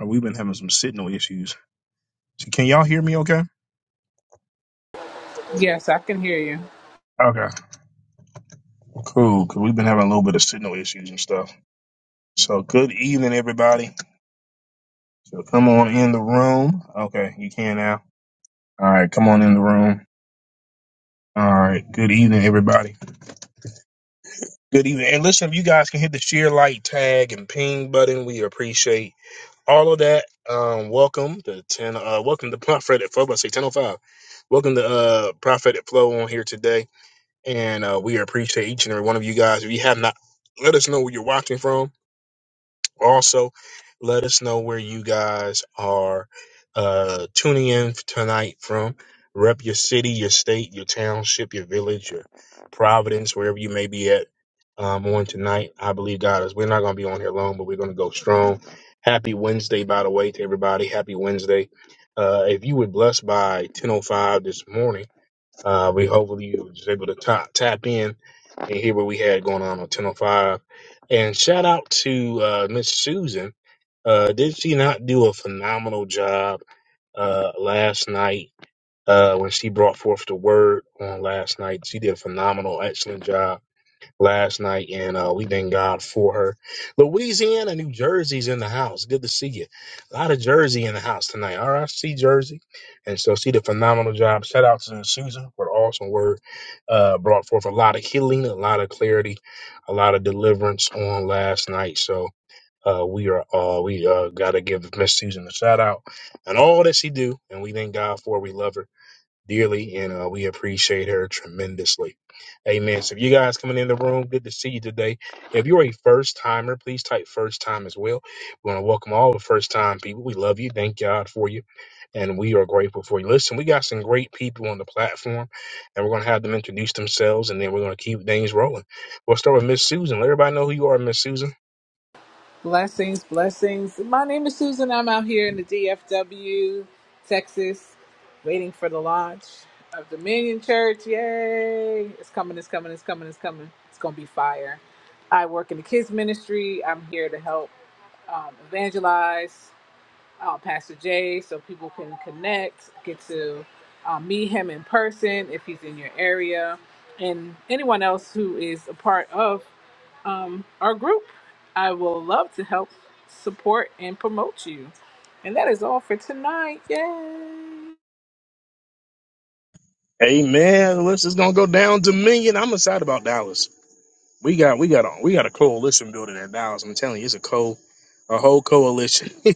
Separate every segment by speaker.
Speaker 1: Uh, we've been having some signal issues. So can y'all hear me okay?
Speaker 2: Yes, I can hear you.
Speaker 1: Okay, cool. Cause we've been having a little bit of signal issues and stuff. So good evening, everybody. So come on in the room. Okay, you can now. All right, come on in the room. All right, good evening, everybody. Good evening. And listen, if you guys can hit the share like tag and ping button, we appreciate all of that. Um, welcome to ten. Uh, welcome to Prophetic Flow. I say ten oh five. Welcome to uh Prophetic Flow on here today. and uh, we appreciate each and every one of you guys. If you have not, let us know where you're watching from. Also, let us know where you guys are uh, tuning in tonight from. Rep your city, your state, your township, your village, your Providence, wherever you may be at um, on tonight. I believe God is. We're not going to be on here long, but we're going to go strong. Happy Wednesday, by the way, to everybody. Happy Wednesday. Uh, if you were blessed by 10:05 this morning uh, we hopefully you was able to ta tap in and hear what we had going on on 1005. And shout out to uh, Miss Susan. Uh, did she not do a phenomenal job uh, last night uh, when she brought forth the word on last night? She did a phenomenal, excellent job last night, and uh, we thank God for her. Louisiana, New Jersey's in the house. Good to see you. A lot of Jersey in the house tonight. All right, I see Jersey, and so she did a phenomenal job. Shout out to Susan for the awesome word. Uh, brought forth a lot of healing, a lot of clarity, a lot of deliverance on last night. So. Uh, we are uh, we uh, gotta give Miss Susan a shout out and all that she do, and we thank God for. her. We love her dearly, and uh, we appreciate her tremendously. Amen. So, if you guys coming in the room, good to see you today. If you're a first timer, please type first time as well. We want to welcome all the first time people. We love you. Thank God for you. And we are grateful for you. Listen, we got some great people on the platform, and we're going to have them introduce themselves, and then we're going to keep things rolling. We'll start with Miss Susan. Let everybody know who you are, Miss Susan.
Speaker 2: Blessings, blessings. My name is Susan. I'm out here in the DFW, Texas, waiting for the launch of Dominion Church. Yay! It's coming, it's coming, it's coming, it's coming. It's going to be fire. I work in the kids' ministry. I'm here to help um, evangelize uh, Pastor Jay so people can connect, get to uh, meet him in person if he's in your area, and anyone else who is a part of um, our group. I will love to help support and promote you. And that is all for tonight. Yay!
Speaker 1: Amen. This is going to go down to million. I'm excited about Dallas. We got we got a we got a coalition building at Dallas. I'm telling you, it's a co a whole coalition.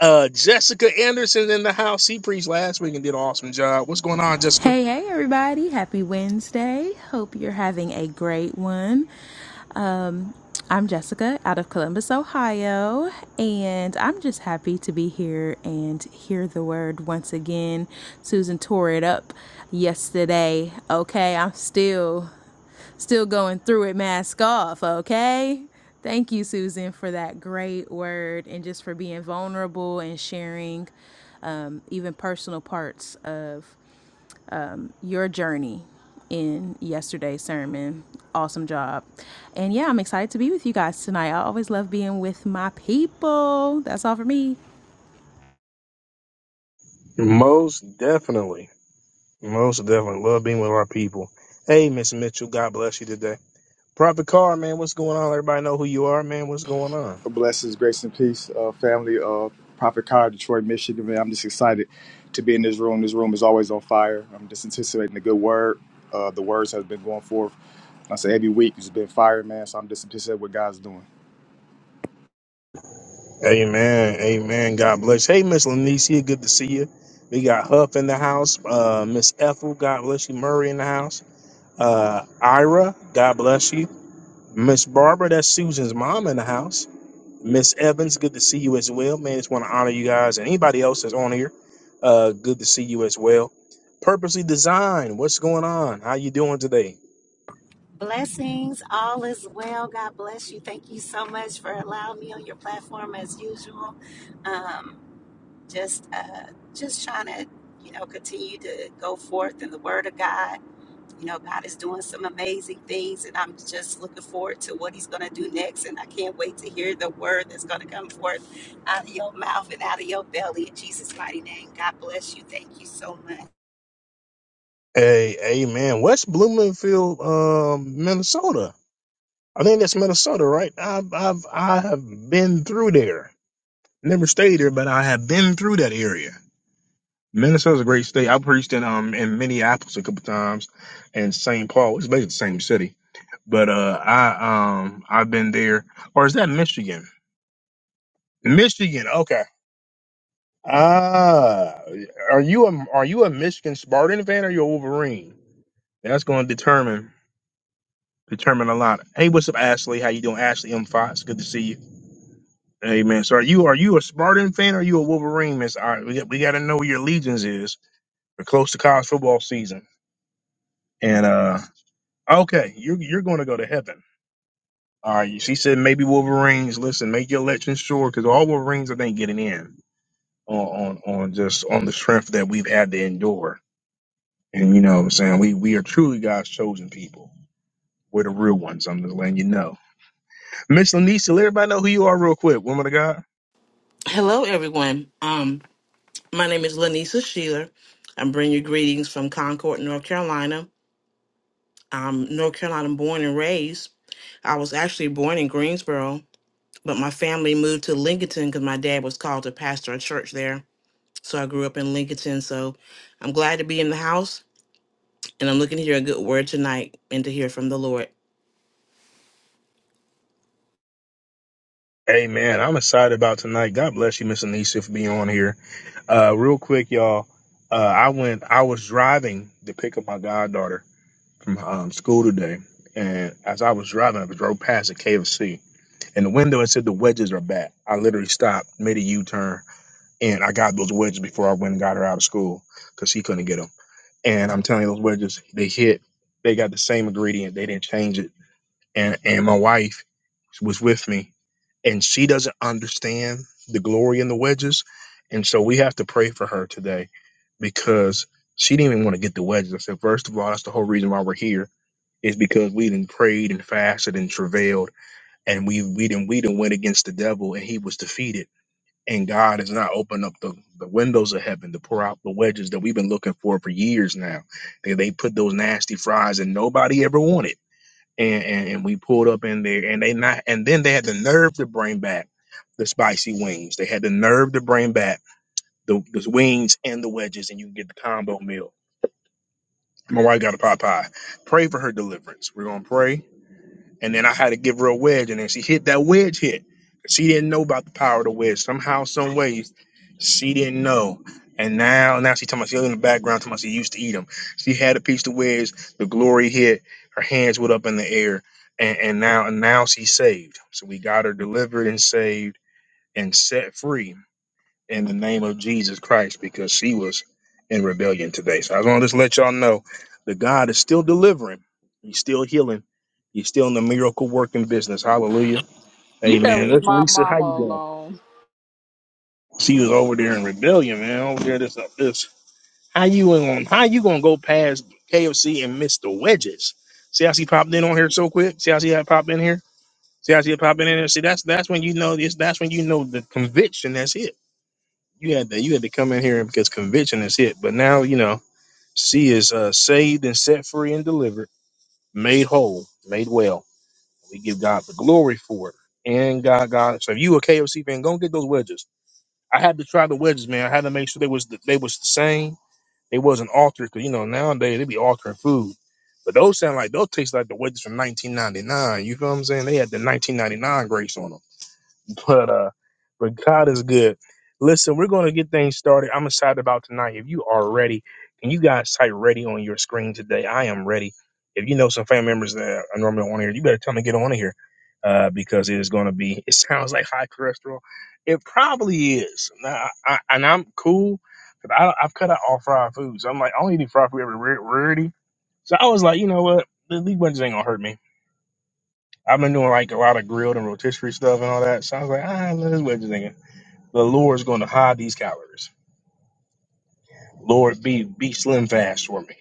Speaker 1: uh Jessica Anderson in the house. She preached last week and did an awesome job. What's going on, Jessica?
Speaker 3: Hey, hey, everybody. Happy Wednesday. Hope you're having a great one. I'm Jessica out of Columbus, Ohio, and I'm just happy to be here and hear the word once again. Susan tore it up yesterday. Okay, I'm still still going through it mask off, okay? Thank you, Susan, for that great word and just for being vulnerable and sharing um, even personal parts of your journey in yesterday's sermon. Awesome job. And yeah, I'm excited to be with you guys tonight. I always love being with my people. That's all for me.
Speaker 1: Most definitely. Most definitely. Love being with our people. Hey, Miss Mitchell, God bless you today. Prophet Carr, man, what's going on? Everybody know who you are, man. What's going on?
Speaker 4: Blessings, grace, and peace, uh, family of Prophet Car, Detroit, Michigan. Man, I'm just excited to be in this room. This room is always on fire. I'm just anticipating the good word. Uh, the words has been going forth. I say every week it's been fire, man. So I'm just anticipating what God's doing.
Speaker 1: Amen. Amen. God bless. Hey, Miss Lanicia, good to see you. We got Huff in the house. Uh, Miss Ethel, God bless you. Murray in the house. Uh, Ira, God bless you. Miss Barbara, that's Susan's mom in the house. Miss Evans, good to see you as well. Man, just want to honor you guys and anybody else that's on here. Uh, good to see you as well. Purposely designed. what's going on? How you doing today?
Speaker 5: Blessings, all is well. God bless you. Thank you so much for allowing me on your platform as usual. Um, just, uh, just trying to, you know, continue to go forth in the Word of God. You know, God is doing some amazing things, and I'm just looking forward to what He's going to do next. And I can't wait to hear the word that's going to come forth out of your mouth and out of your belly in Jesus' mighty name. God bless you. Thank you so much.
Speaker 1: Hey, hey, man, West Bloomingfield, um, Minnesota. I think that's Minnesota, right? I've, I've, I have been through there. Never stayed there, but I have been through that area. Minnesota's a great state. I preached in um in Minneapolis a couple times, and St. Paul. It's basically the same city, but uh, I um I've been there. Or is that Michigan? Michigan. Okay. Ah, are you a are you a Michigan Spartan fan or you a Wolverine? That's going to determine determine a lot. Hey, what's up, Ashley? How you doing, Ashley M. Fox? Good to see you. Hey, man. So are you are you a Spartan fan or you a Wolverine, Miss? All right, we got, we got to know where your allegiance is. We're close to college football season, and uh Okay, you're you're going to go to heaven. All right. She said maybe Wolverines. Listen, make your election sure because all Wolverines I think getting in on, on on just on the strength that we've had to endure. And you know, what I'm saying we we are truly God's chosen people. We're the real ones. I'm just letting you know. Miss Lanisha, let everybody know who you are real quick, woman of God.
Speaker 6: Hello, everyone. Um, my name is Lanisa Sheeler. I'm bringing you greetings from Concord, North Carolina. I'm North Carolina born and raised. I was actually born in Greensboro, but my family moved to Lincolnton because my dad was called to pastor a church there. So I grew up in Lincolnton. So I'm glad to be in the house, and I'm looking to hear a good word tonight and to hear from the Lord.
Speaker 1: Hey man, I'm excited about tonight. God bless you, Miss Anisha, for being on here. Uh, real quick, y'all. Uh, I went. I was driving to pick up my goddaughter, from um, school today, and as I was driving, I drove past a KFC. In the window, it said the wedges are back. I literally stopped, made a U-turn, and I got those wedges before I went and got her out of school because she couldn't get them. And I'm telling you, those wedges they hit. They got the same ingredient. They didn't change it. And and my wife was with me, and she doesn't understand the glory in the wedges, and so we have to pray for her today because she didn't even want to get the wedges. I said, first of all, that's the whole reason why we're here it's because we done prayed and fasted and travailed, and we we done we done went against the devil, and he was defeated. And God has not opened up the, the windows of heaven to pour out the wedges that we've been looking for for years now. They, they put those nasty fries, and nobody ever wanted. And, and and we pulled up in there, and they not, and then they had the nerve to bring back the spicy wings. They had the nerve to bring back the, the wings and the wedges, and you can get the combo meal. My wife got a Popeye. Pray for her deliverance. We're gonna pray And then I had to give her a wedge, and then she hit that wedge hit. She didn't know about the power of the wedge. Somehow, some ways, she didn't know. And now, now she talking about she was in the background talking about she used to eat them. She had a piece of wedge. The glory hit. Her hands went up in the air, and, and now, and now she's saved. So we got her delivered and saved and set free in the name of Jesus Christ because she was in rebellion today. So I want to just let y'all know that God is still delivering. He's still healing. He's still in the miracle working business. Hallelujah.
Speaker 2: You better
Speaker 1: Amen.
Speaker 2: leave
Speaker 1: That's
Speaker 2: my
Speaker 1: Lisa. How
Speaker 2: mama
Speaker 1: you doing?
Speaker 2: alone.
Speaker 1: She was over there in rebellion, man. Over there, this up this. How you going? How you gonna go past KFC and miss the wedges? See how she popped in on here so quick. See how she had popped in here. See how she had popped in here. See that's that's when you know this. That's when you know the conviction. That's it. you had to you had to come in here because conviction is hit. But now you know she is uh, saved and set free and delivered, made whole, made well. We give God the glory for it. And God, God. So if you a KFC fan, go and get those wedges. I had to try the wedges, man. I had to make sure they was the, they was the same. They wasn't altered because you know nowadays they be altering food. But those sound like those taste like the wedges from 1999. You feel what I'm saying? They had the 1999 grace on them. but uh but god is good listen we're going to get things started i'm excited about tonight if you are ready can you guys type ready on your screen today i am ready if you know some family members that are normally on here you better tell them to get on here uh because it is going to be it sounds like high cholesterol it probably is Now, I, I, and i'm cool because I, i've cut out all fried foods i'm like i only eat fried food every rarity so i was like you know what these bunches ain't gonna hurt me I've been doing like a lot of grilled and rotisserie stuff and all that. So I was like, ah, let's wait a second. The Lord's going to hide these calories. Lord, be be slim fast for me.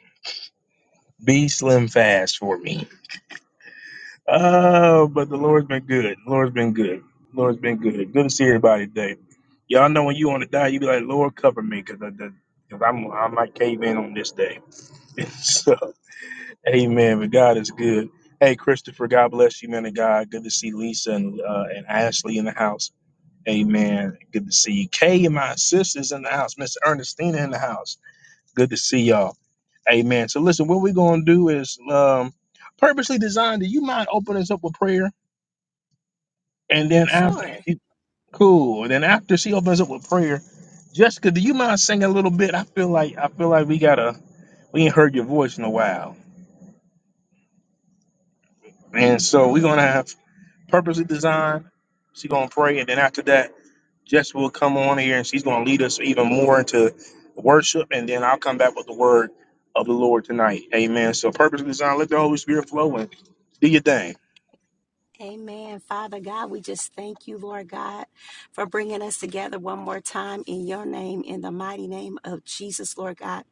Speaker 1: Be slim fast for me. Oh, but the Lord's been good. The Lord's been good. The Lord's been good. Good to see everybody today. Y'all know when you on a diet, you be like, Lord, cover me, because I, the, cause I'm I might cave in on this day. so, Amen. But God is good. Hey, Christopher, God bless you, man of God. Good to see Lisa and uh, and Ashley in the house. Amen. Good to see you. Kay and my sisters in the house, Miss Ernestina in the house. Good to see y'all. Amen. So listen, what we're gonna do is um purposely designed. Do you mind opening us up with prayer? And then after
Speaker 5: Sure.
Speaker 1: cool. And then after she opens up with prayer, Jessica, do you mind singing a little bit? I feel like I feel like we gotta we ain't heard your voice in a while. And so we're gonna have purposely designed. She gonna pray, and then after that. Jess will come on here and she's going to lead us even more into worship, and then I'll come back with the word of the Lord tonight. Amen. So, purpose designed. let the Holy Spirit flow and do your thing.
Speaker 5: Amen. Father God, we just thank you, Lord God, for bringing us together one more time in your name, in the mighty name of Jesus, Lord God.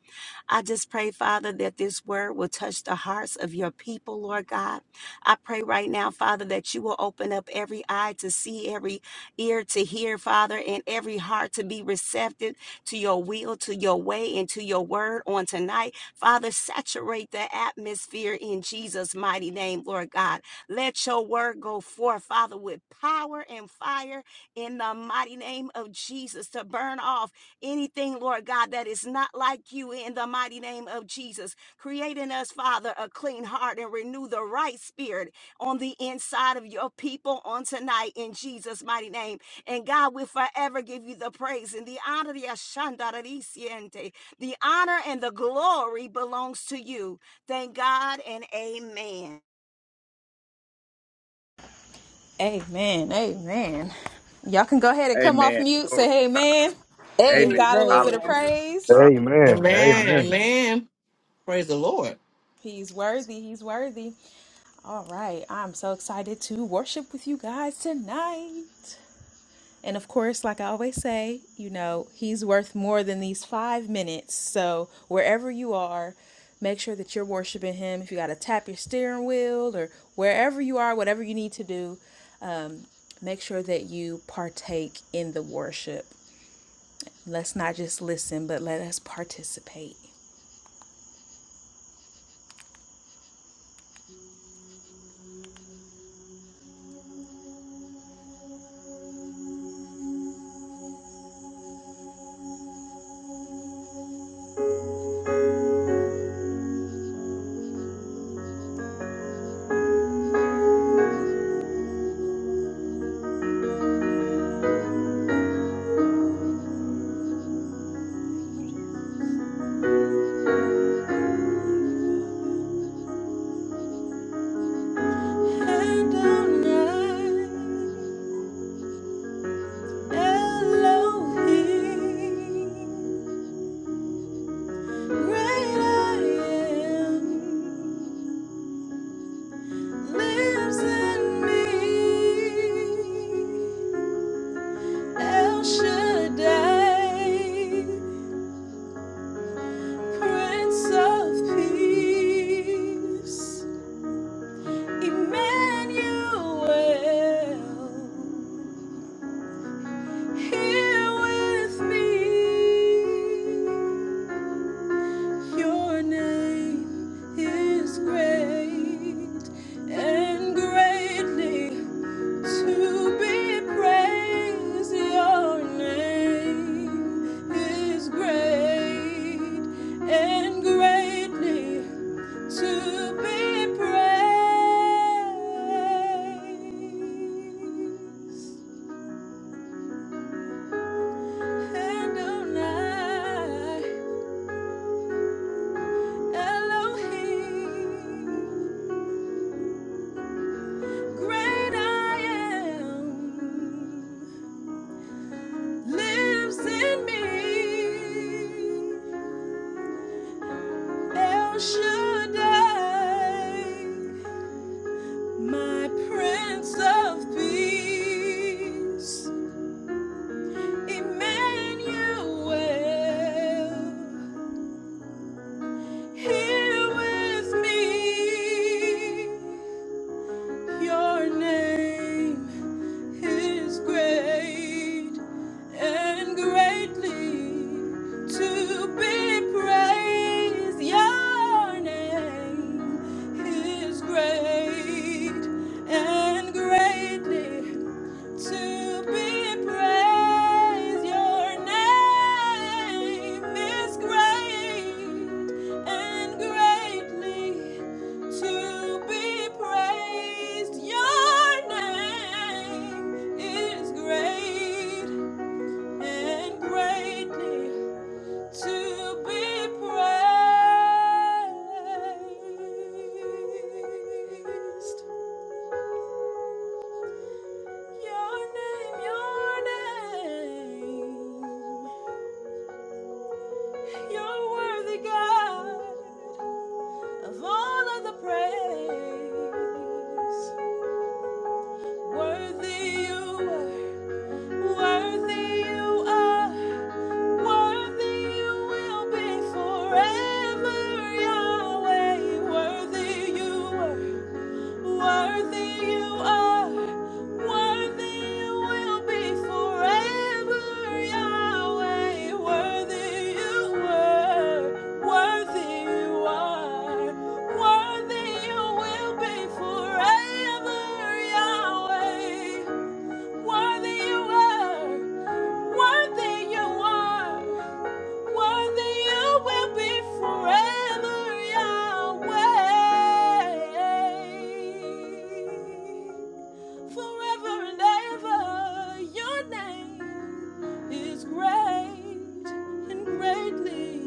Speaker 5: I just pray, Father, that this word will touch the hearts of your people, Lord God. I pray right now, Father, that you will open up every eye to see, every ear to hear, Father, and every heart to be receptive to your will, to your way, and to your word on tonight. Father, saturate the atmosphere in Jesus' mighty name, Lord God. Let your word go forth, Father, with power and fire in the mighty name of Jesus to burn off anything, Lord God, that is not like you in the mighty name of Jesus. Create in us, Father, a clean heart and renew the right spirit on the inside of your people on tonight in Jesus' mighty name. And God, we forever give you the praise and the honor, the ashandarisiente. The honor and the glory belongs to you. Thank God and amen.
Speaker 3: Amen. Amen. Y'all can go ahead and come off
Speaker 4: Amen.
Speaker 3: mute,
Speaker 4: Glory to
Speaker 3: say hey man,
Speaker 4: God.
Speaker 3: give
Speaker 4: Amen.
Speaker 3: God a little bit of
Speaker 2: Amen.
Speaker 4: Hallelujah.
Speaker 3: praise.
Speaker 1: Amen.
Speaker 6: Amen. Amen. Praise the Lord.
Speaker 3: He's worthy. He's worthy. All right. I'm so excited to worship with you guys tonight. And of course, like I always say, you know, he's worth more than these five minutes. So wherever you are, make sure that you're worshiping him. If you got to tap your steering wheel or wherever you are, whatever you need to do, make sure that you partake in the worship. Let's not just listen, but let us participate. Adonai, Elohim, great I am. lives in me. El Shaddai, Prince of Peace, Emmanuel, here with me. Your name is great and greatly To be praised, your name is great and greatly to be praised. Adonai, Elohim, great I am, lives in me. El Shaddai, my Prince of Peace, Emmanuel, here with me. Your name. is great and greatly to be praised. Your name is great and greatly. To be praised, your name is great and greatly to be praised. Your name is great and greatly to be praised. Your name, your name. you worthy, God, of all of the praise. Worthy you were, worthy you are, worthy you will be forever, Yahweh. Worthy you were. Worthy you are, worthy you will be forever, Yahweh. Worthy you were, worthy you are, worthy you will be forever, Yahweh. Worthy you are. Worthy you are. Worthy you will be forever, Yahweh. Forever and ever, your name is great and greatly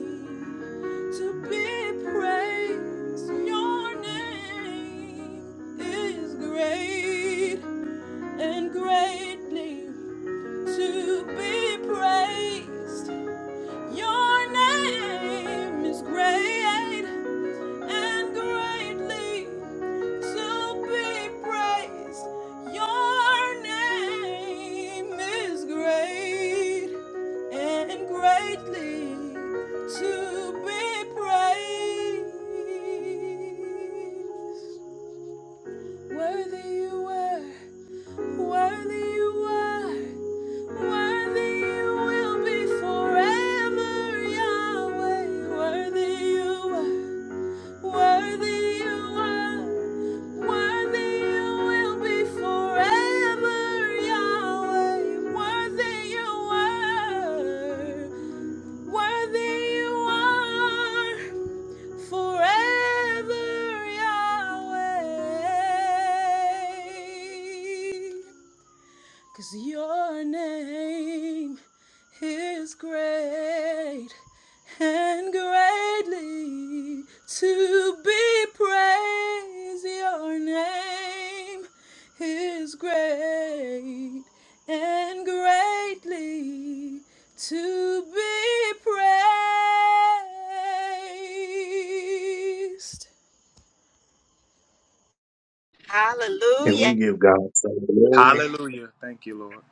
Speaker 3: to be praised. Your name is great and greatly to be praised. Your name is great and greatly to be praised. Your name is great and greatly to be praised. Worthy you were, worthy you were. Worthy you will be forever, Yahweh. Worthy you are. Worthy you are. Worthy you will be forever, Yahweh. Worthy you are. Worthy you are forever, Yahweh. Cause your name is great and greatly to be praised. Your name is great and greatly to be praised.
Speaker 1: Can
Speaker 5: Hallelujah.
Speaker 1: we give God some
Speaker 4: Hallelujah.
Speaker 1: glory?
Speaker 4: Thank you, Lord.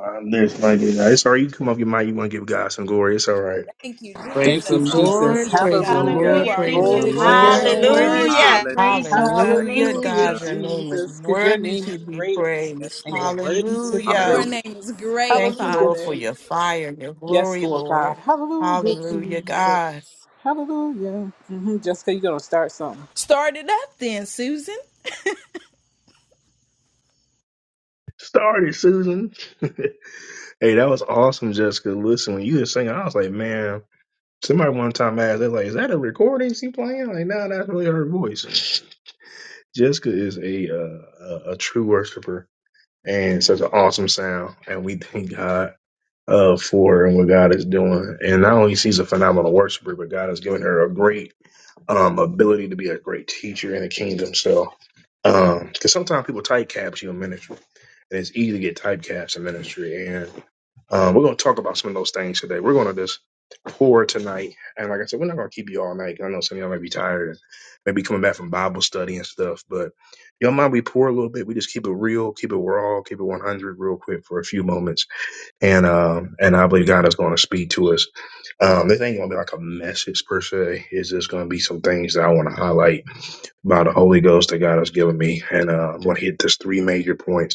Speaker 1: Um, there's my It's all right. You come off your mind. You want to give God some glory. It's all right.
Speaker 3: Thank you,
Speaker 6: Praise
Speaker 2: Thank
Speaker 6: the
Speaker 2: you,
Speaker 3: Jesus.
Speaker 2: Jesus.
Speaker 6: Lord,
Speaker 3: Hallelujah,
Speaker 6: praise the
Speaker 3: God. You
Speaker 2: Hallelujah.
Speaker 6: Lord,
Speaker 7: Hallelujah.
Speaker 3: are
Speaker 6: praise
Speaker 7: Thank
Speaker 6: the
Speaker 7: you,
Speaker 2: Glory
Speaker 3: good.
Speaker 2: to
Speaker 7: Lord.
Speaker 3: You
Speaker 7: You're
Speaker 2: your
Speaker 6: Lord.
Speaker 3: are
Speaker 7: so
Speaker 2: name.
Speaker 7: worthy to
Speaker 5: Hallelujah.
Speaker 7: be
Speaker 3: worthy.
Speaker 4: Hallelujah.
Speaker 7: praised, oh God.
Speaker 4: Thank you,
Speaker 6: Hallelujah.
Speaker 7: Thank you,
Speaker 4: Lord
Speaker 2: Hallelujah,
Speaker 6: God,
Speaker 4: God.
Speaker 7: Jesus.
Speaker 6: your name is
Speaker 2: Jesus, because your
Speaker 6: worthy
Speaker 2: name
Speaker 6: to
Speaker 2: is
Speaker 6: be
Speaker 2: great
Speaker 4: Yes,
Speaker 6: praised.
Speaker 2: and
Speaker 4: Lord.
Speaker 2: you're worthy to be
Speaker 3: Your
Speaker 6: Hallelujah.
Speaker 4: Hallelujah.
Speaker 2: praised.
Speaker 3: name is great,
Speaker 6: Thank you,
Speaker 2: Hallelujah,
Speaker 6: Lord, for
Speaker 3: Father.
Speaker 2: Jesus.
Speaker 6: your fire, your
Speaker 2: Yes,
Speaker 6: glory,
Speaker 2: Lord God.
Speaker 6: Lord.
Speaker 2: Hallelujah,
Speaker 6: Hallelujah,
Speaker 2: Jesus.
Speaker 6: God.
Speaker 2: Hallelujah. hmm Just because you're going to start something.
Speaker 3: Start it up then, Susan.
Speaker 1: Started, Susan. hey, that was awesome, Jessica. Listen, when you were singing, I was like, man, somebody one time asked, they're like, is that a recording she playing? Like, no, that's really her voice. Jessica is a uh, a, a true worshiper and such an awesome sound, and we thank God uh, for her and what God is doing. And not only she's a phenomenal worshiper, but God has given her a great um, ability to be a great teacher in the kingdom. So, because sometimes people typecast you in ministry, and it's easy to get typecast in ministry. Um, we're going to talk about some of those things today. We're going to just pour tonight. And like I said, we're not going to keep you all night. 'cause I know some of y'all might be tired and maybe coming back from Bible study and stuff. But y'all mind we pour a little bit. We just keep it real, keep it raw, keep it 100 real quick for a few moments. And um, and I believe God is going to speak to us. Um, this ain't going to be like a message per se. It's just going to be some things that I want to highlight by the Holy Ghost that God has given me. And uh, I'm going to hit just three major points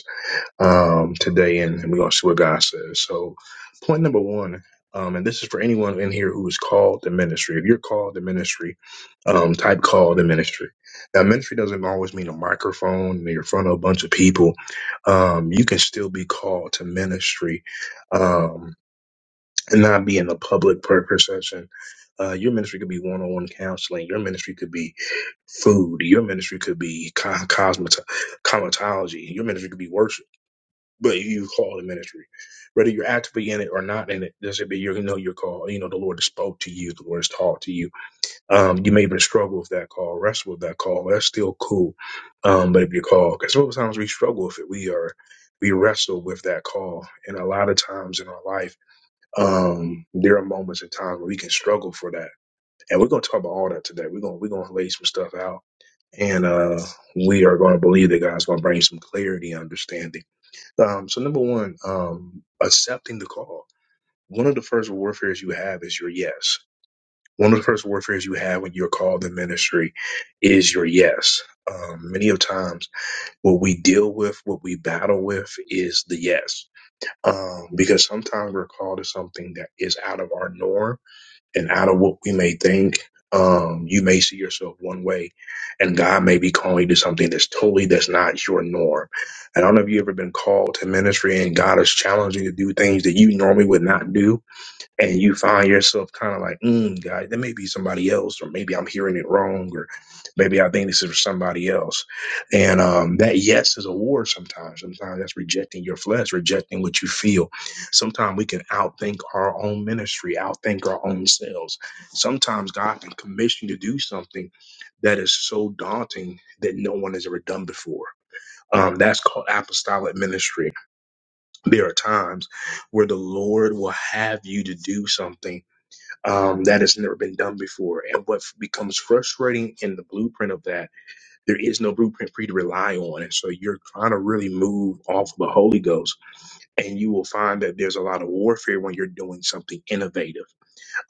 Speaker 1: um, today, and, and we're going to see what God says. So, point number one, um, and this is for anyone in here who is called to ministry. If you're called to ministry, um, type call to ministry. Now, ministry doesn't always mean a microphone and you're in front of a bunch of people. Um, you can still be called to ministry um, and not be in a public per session. Uh, your ministry could be one-on-one counseling. Your ministry could be food. Your ministry could be co- cosmet- cosmetology. Your ministry could be worship but you call the ministry, whether you're actively in it or not in it. Does it be you know your call? You know the Lord has spoke to you. The Lord has talked to you. Um, you may even struggle with that call, wrestle with that call. That's still cool. Um, but if you call, because sometimes we struggle with it, we are we wrestle with that call, and a lot of times in our life, um, there are moments in time where we can struggle for that, and we're gonna talk about all that today. We're gonna we're gonna lay some stuff out, and uh, we are gonna believe that God's gonna bring some clarity, and understanding um, so number one, um, accepting the call. One of the first warfares you have is your yes. One of the first warfares you have when you're called in ministry is your yes. Um, many of times, what we deal with, what we battle with, is the yes, um, because sometimes we're called to something that is out of our norm and out of what we may think, um, you may see yourself one way, and God may be calling you to something that's totally that's not your norm. And I don't know if you've ever been called to ministry, and God is challenging you to do things that you normally would not do and you find yourself kind of like, mm, God, there may be somebody else, or maybe I'm hearing it wrong, or maybe I think this is for somebody else. And um, that yes is a war sometimes. Sometimes that's rejecting your flesh, rejecting what you feel. Sometimes we can outthink our own ministry, outthink our own selves. Sometimes God can commission you to do something that is so daunting that no one has ever done before. Um, that's called apostolic ministry. There are times where the Lord will have you to do something um, that has never been done before. And what f- becomes frustrating in the blueprint of that, there is no blueprint for you to rely on. And so you're trying to really move off of the Holy Ghost, and you will find that there's a lot of warfare when you're doing something innovative.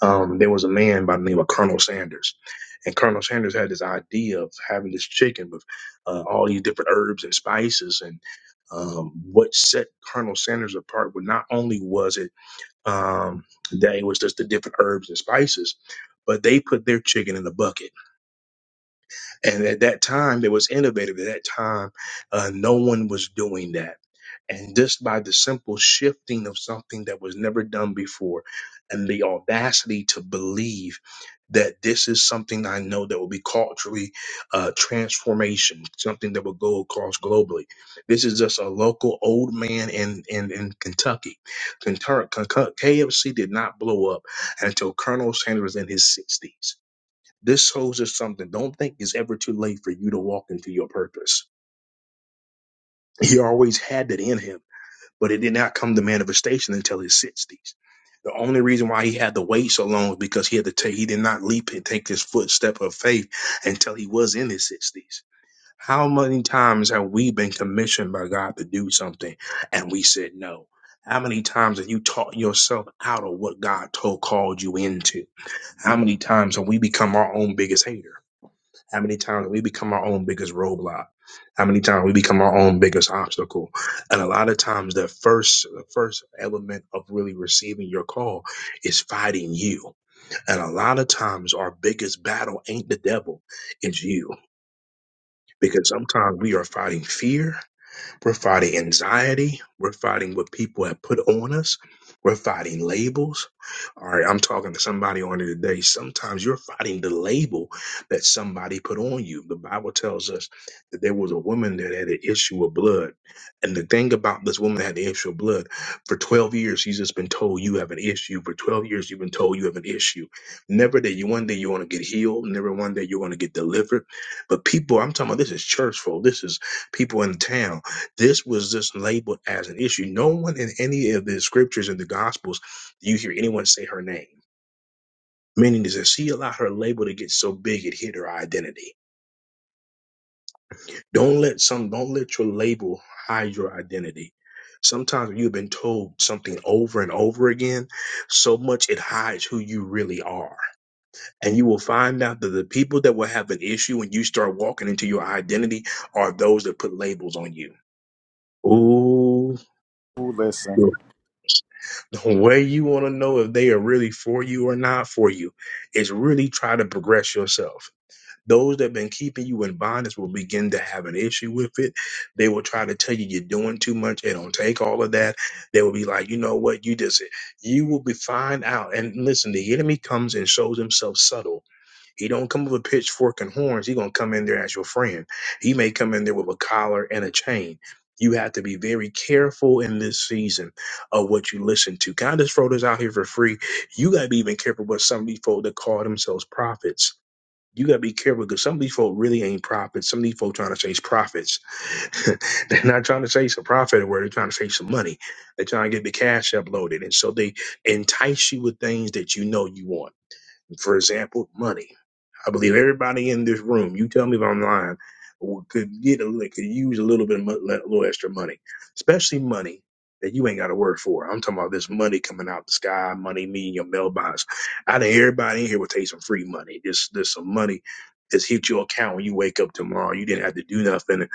Speaker 1: Um, there was a man by the name of Colonel Sanders, and Colonel Sanders had this idea of having this chicken with uh, all these different herbs and spices and um, what set Colonel Sanders apart was not only was it um, that it was just the different herbs and spices, but they put their chicken in a bucket. And at that time, it was innovative. At that time, uh, no one was doing that. And just by the simple shifting of something that was never done before, and the audacity to believe that this is something I know that will be culturally uh, transformation, something that will go across globally. This is just a local old man in in, in Kentucky. Kentucky. KFC did not blow up until Colonel Sanders was in his 60s this shows us something. Don't think it's ever too late for you to walk into your purpose. He always had that in him, but it did not come to manifestation until his 60s. The only reason why he had to wait so long was because he had to take, he did not leap and take his footstep of faith until he was in his 60s. How many times have we been commissioned by God to do something and we said no? How many times have you taught yourself out of what God told called you into? How many times have we become our own biggest hater? How many times we become our own biggest roadblock? How many times we become our own biggest obstacle? And a lot of times, the first the first element of really receiving your call is fighting you. And a lot of times, our biggest battle ain't the devil, it's you. Because sometimes we are fighting fear, we're fighting anxiety. We're fighting what people have put on us. We're fighting labels. All right, I'm talking to somebody on here today. Sometimes you're fighting the label that somebody put on you. The Bible tells us that there was a woman that had an issue of blood. And the thing about this woman that had the issue of blood, for 12 years, she's just been told you have an issue. For 12 years, you've been told you have an issue. Never that you one day you want to get healed, never one day you want to get delivered. But people, I'm talking about this is church folk, this is people in town. This was just labeled as an issue. No one in any of the scriptures in the gospels do you hear anyone say her name. Meaning is that she allowed her label to get so big it hid her identity. Don't let some don't let your label hide your identity. Sometimes you've been told something over and over again, so much it hides who you really are. And you will find out that the people that will have an issue when you start walking into your identity are those that put labels on you. Ooh.
Speaker 4: Ooh, listen.
Speaker 1: Where you want to know if they are really for you or not for you is really try to progress yourself. Those that have been keeping you in bondage will begin to have an issue with it. They will try to tell you you're doing too much. They don't take all of that. They will be like, you know what, you just you will be fine out. And listen, the enemy comes and shows himself subtle he don't come with a pitchfork and horns. He gonna come in there as your friend. He may come in there with a collar and a chain. You have to be very careful in this season of what you listen to. Can I just throw this out here for free? You gotta be even careful with some of these folk that call themselves prophets. You gotta be careful because some of these folk really ain't prophets. Some of these folk trying to chase prophets. they're not trying to chase a profit or where they're trying to chase some money. They're trying to get the cash uploaded. And so they entice you with things that you know you want for example, money. I believe everybody in this room, you tell me if I'm lying, w- could get a, li- could use a little bit of mo- le- little extra money, especially money that you ain't got to work for. I'm talking about this money coming out the sky, money me in your mailbox. I think everybody in here will take some free money. Just there's some money that's hit your account when you wake up tomorrow. You didn't have to do nothing.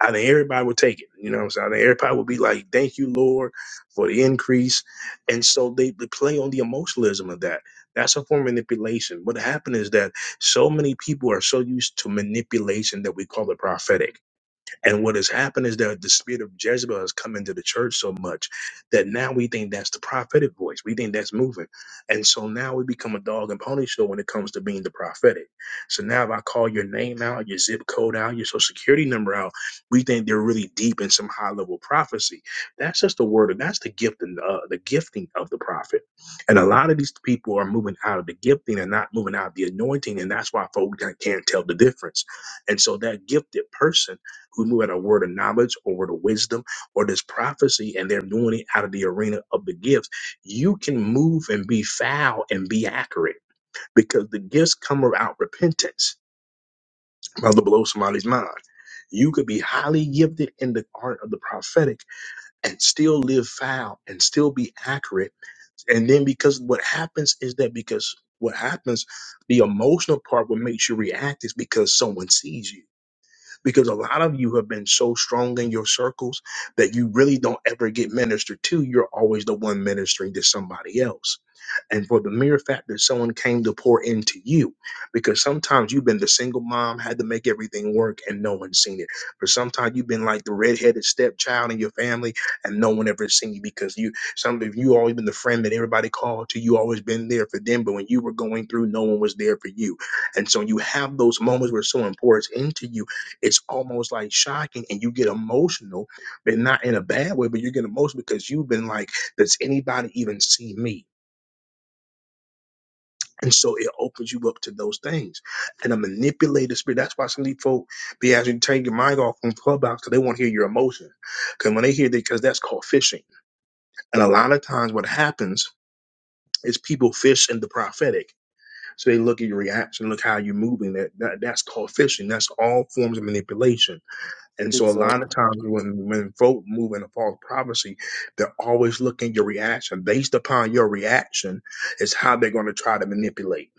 Speaker 1: I think everybody would take it. You know what I'm saying? I think everybody would be like, "Thank you, Lord, for the increase." And so they, they play on the emotionalism of that that's a form of manipulation. What happened is that so many people are so used to manipulation that we call it prophetic. And what has happened is that the spirit of Jezebel has come into the church so much that now we think that's the prophetic voice. We think that's moving. And so now we become a dog and pony show when it comes to being the prophetic. So now if I call your name out, your zip code out, your social security number out, we think they're really deep in some high level prophecy. That's just the word, of that's the gift and uh, the gifting of the prophet. And a lot of these people are moving out of the gifting and not moving out of the anointing. And that's why folks can't can't tell the difference. And so that gifted person who knew at a word of knowledge or the wisdom or this prophecy, and they're doing it out of the arena of the gifts. You can move and be foul and be accurate because the gifts come about repentance. Mother blow somebody's mind. You could be highly gifted in the art of the prophetic and still live foul and still be accurate. And then because what happens is that because what happens, the emotional part, what makes you react is because someone sees you because a lot of you have been so strong in your circles that you really don't ever get ministered to. You're always the one ministering to somebody else. And for the mere fact that someone came to pour into you, because sometimes you've been the single mom, had to make everything work, and no one's seen it. For sometimes you've been like the redheaded stepchild in your family, and no one ever seen you because you, some of you always been the friend that everybody called to. You always been there for them, but when you were going through, no one was there for you. And so you have those moments where someone pours into you it's almost like shocking and you get emotional, but not in a bad way, but you get emotional because you've been like, does anybody even see me? And so it opens you up to those things. And a manipulated spirit, that's why some of these folk be asking you to take your mind off on Clubhouse because they want to hear your emotions. Because when they hear that, because that's called fishing. And a lot of times what happens is people fish in the prophetic. So they look at your reaction, look how you're moving. That, that That's called fishing. That's all forms of manipulation And so a lot of times when when folk move in a false prophecy, they're always looking at your reaction. Based upon your reaction is how they're going to try to manipulate.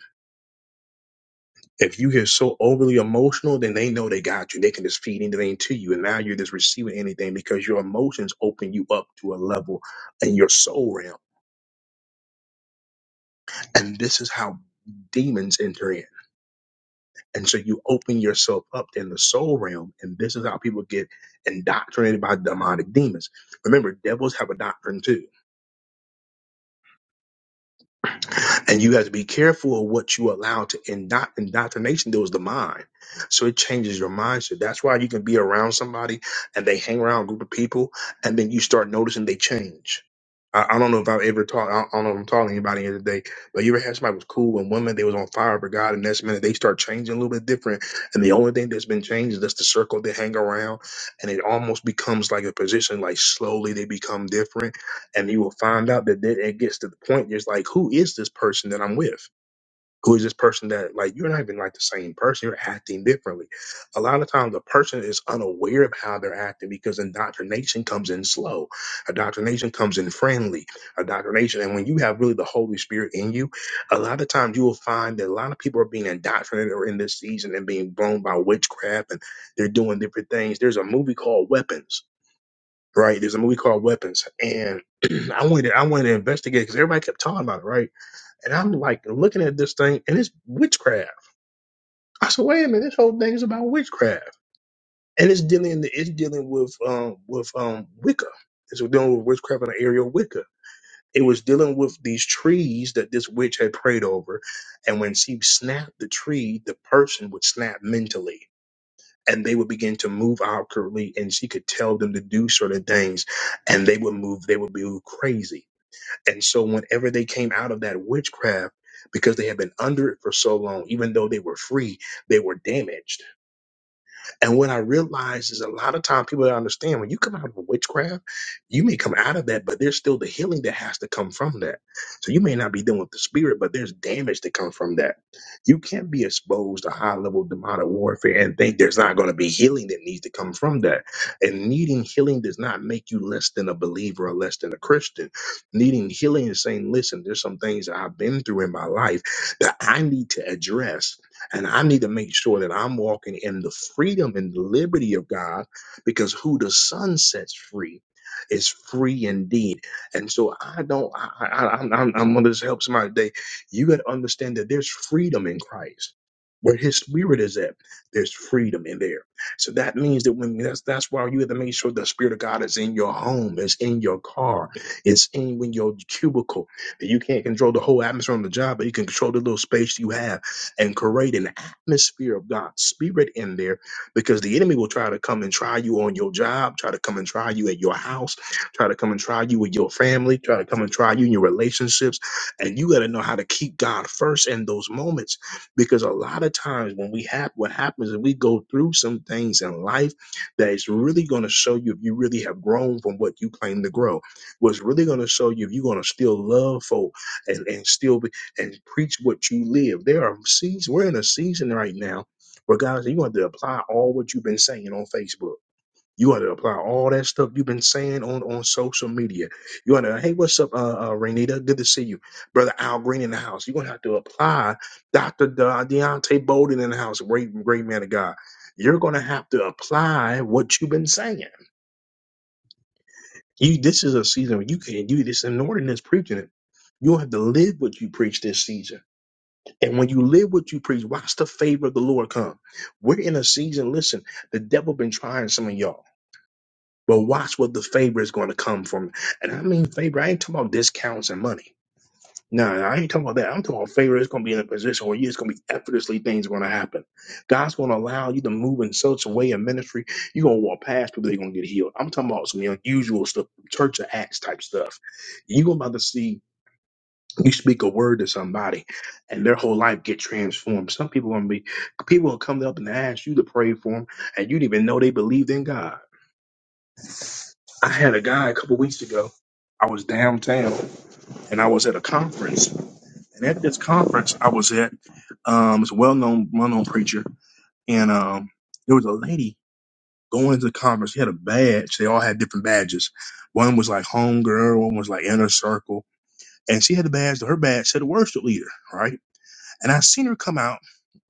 Speaker 1: If you get so overly emotional, then they know they got you. They can just feed anything to you. And now you're just receiving anything because your emotions open you up to a level in your soul realm. And this is how demons enter in. And so you open yourself up in the soul realm. And this is how people get indoctrinated by demonic demons. Remember, devils have a doctrine too And you have to be careful of what you allow to indoctrinate. indoctrination deals the mind. So it changes your mindset. That's why you can be around somebody and they hang around a group of people and then you start noticing they change. I, I don't know if I've ever taught, I don't know if I'm talking to anybody here today, but you ever had somebody was cool and women, they was on fire for God and next minute they start changing a little bit different. And the only thing that's been changed is just the circle they hang around. And it almost becomes like a position, like slowly they become different and you will find out that it it gets to the point it's like who is this person that i'm with who is this person that like you're not even like the same person you're acting differently a lot of times the person is unaware of how they're acting because indoctrination comes in slow indoctrination comes in friendly indoctrination and when you have really the holy spirit in you a lot of times you will find that a lot of people are being indoctrinated or in this season and being blown by witchcraft and they're doing different things there's a movie called weapons right? There's a movie called Weapons, and I wanted to, I wanted to investigate because everybody kept talking about it, right? And I'm like looking at this thing, and it's witchcraft. I said, wait a minute, this whole thing is about witchcraft, and it's dealing it's dealing with um with um Wicca. It's dealing with witchcraft in the area of Wicca. It was dealing with these trees that this witch had prayed over, and when she snapped the tree, the person would snap mentally and they would begin to move awkwardly and she could tell them to do certain things and they would move they would be crazy and so whenever they came out of that witchcraft because they had been under it for so long even though they were free they were damaged and what I realized is a lot of time people don't understand when you come out of a witchcraft, you may come out of that, but there's still the healing that has to come from that. So you may not be dealing with the spirit, but there's damage that comes from that. You can't be exposed to high level demonic warfare and think there's not going to be healing that needs to come from that. And needing healing does not make you less than a believer or less than a Christian. Needing healing is saying, listen, there's some things that I've been through in my life that I need to address and I need to make sure that I'm walking in the freedom and liberty of God because who the Son sets free is free indeed. And so I don't, I, I, I- am I'm, I'm going to just help somebody today. You got to understand that there's freedom in Christ. Where his spirit is at, there's freedom in there. So that means that when that's that's why you have to make sure the spirit of God is in your home, is in your car, is in when your cubicle. You can't control the whole atmosphere on the job, but you can control the little space you have and create an atmosphere of God's spirit in there because the enemy will try to come and try you on your job, try to come and try you at your house, try to come and try you with your family, try to come and try you in your relationships. And you got to know how to keep God first in those moments because a lot of times when we have what happens is we go through some things in life that is really going to show you if you really have grown from what you claim to grow. What's really going to show you if you're going to still love folk and, and still become and preach what you live. There are seasons, we're in a season right now where guys, you want to apply all what you've been saying on Facebook. You want to apply all that stuff you've been saying on, on social media. You want to, hey, what's up, uh, uh, Renita? Good to see you. Brother Al Green in the house. You're going to have to apply Dr. De- Deontay Bolden in the house. Great, great man of God. You're going to have to apply what you've been saying. You, this is a season where you can't do this. And Norton is preaching it. You have to live what you preach this season and when you live what you preach, watch the favor of the Lord come. We're in a season. Listen, the devil been trying some of y'all, but watch what the favor is going to come from. And I mean favor. I ain't talking about discounts and money. No, I ain't talking about that. I'm talking about favor. It's going to be in a position where you it's going to be effortlessly things going to happen. God's going to allow you to move in such a way in ministry. You're going to walk past people. They're going to get healed. I'm talking about some unusual stuff, church of acts type stuff. You're about to see you speak a word to somebody and their whole life get transformed some people gonna be people will come up and ask you to pray for them and you didn't even know they believed in god i had a guy a couple weeks ago i was downtown and i was at a conference and at this conference i was at um it's a well-known well-known preacher and um there was a lady going to the conference she had a badge they all had different badges one was like homegirl. one was like inner circle and she had a badge her badge said worship leader right and i seen her come out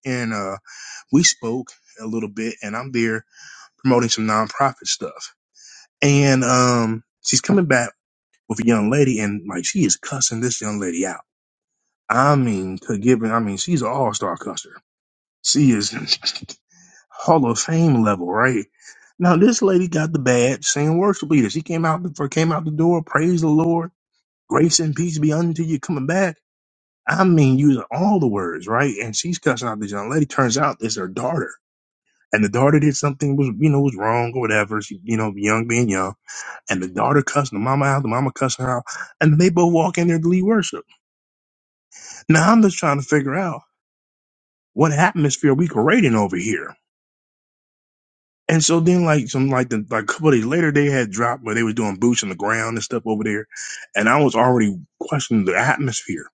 Speaker 1: and uh, we spoke a little bit, and I'm there promoting some nonprofit stuff. And um, she's coming back with a young lady, and like she is cussing this young lady out. I mean, to give giving, I mean, she's an all star cusser. She is Hall of Fame level, right? Now this lady got the badge saying worship leader. She came out before came out the door, praise the Lord, grace and peace be unto you coming back. I mean, using all the words, right? And she's cussing out this young lady. Turns out it's her daughter and the daughter did something was you know was wrong or whatever. She you know young being young, and the daughter cussing the mama out, the mama cussing her out, and they both walk in there to lead worship. Now I'm just trying to figure out what atmosphere we creating over here. And so then like some like the like a couple days later they had dropped where they were doing boots on the ground and stuff over there, and I was already questioning the atmosphere.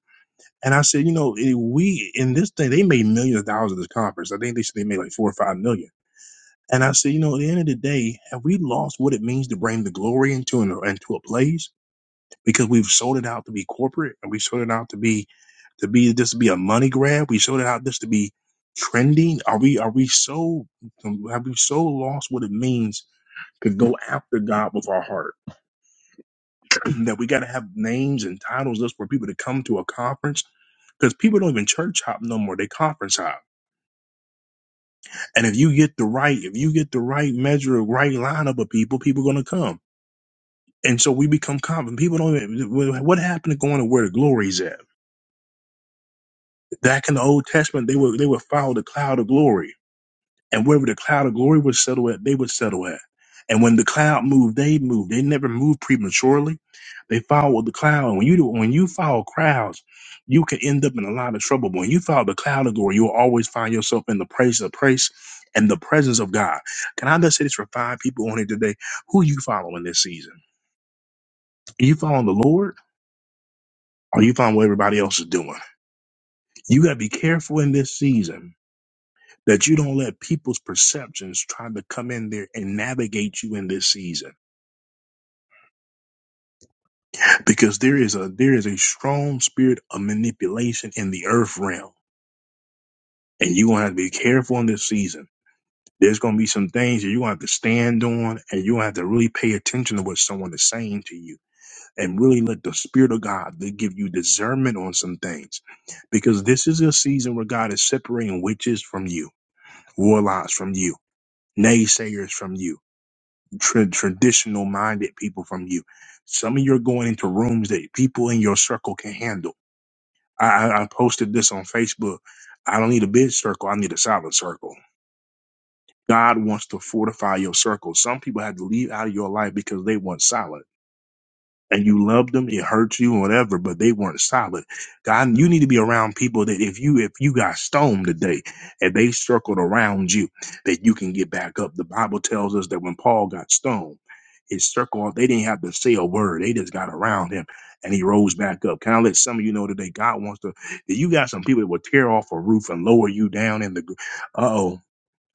Speaker 1: And I said, you know, eh, we in this thing, they made millions of dollars at this conference. I think they said they made like four or five million And I said, you know, at the end of the day, have we lost what it means to bring the glory into an, into a place because we've sold it out to be corporate and we sold it out to be to be just to be a money grab? We sold it out just to be trending. Are we are we so um, have we so lost what it means to go after God with our heart that we got to have names and titles just for people to come to a conference because people don't even church hop no more; they conference hop. And if you get the right if you get the right measure, right lineup of people, people are gonna come. And so we become common. People don't even, what happened to going to where the glory's at? Back in the Old Testament, they would, they would follow the cloud of glory. And wherever the cloud of glory would settle at, they would settle at. And when the cloud moved, they moved. They never moved prematurely. They followed the cloud. And when you do, when you follow crowds, you can end up in a lot of trouble. But when you follow the cloud of glory, you'll always find yourself in the praise of praise and the presence of God. Can I just say this for five people on here today? Who you following this season? Are you following the Lord? or you find what everybody else is doing. You got to be careful in this season that you don't let people's perceptions try to come in there and navigate you in this season because there is a there is a strong spirit of manipulation in the earth realm and you're going to have to be careful in this season there's going to be some things that you going to have to stand on and you going to have to really pay attention to what someone is saying to you and really let the spirit of god to give you discernment on some things because this is a season where god is separating witches from you warlocks from you, naysayers from you, tra- traditional minded people from you. Some of you are going into rooms that people in your circle can handle. I, I I posted this on Facebook. I don't need a big circle. I need a solid circle. God wants to fortify your circle. Some people had to leave out of your life because they weren't solid. and you loved them, it hurts you, whatever, but they weren't solid. God, you need to be around people that if you if you got stoned today and they circled around you, that you can get back up. The Bible tells us that when Paul got stoned, his circle, they didn't have to say a word. They just got around him and he rose back up. Can I let some of you know today, God wants to, that you got some people that will tear off a roof and lower you down in the, uh oh.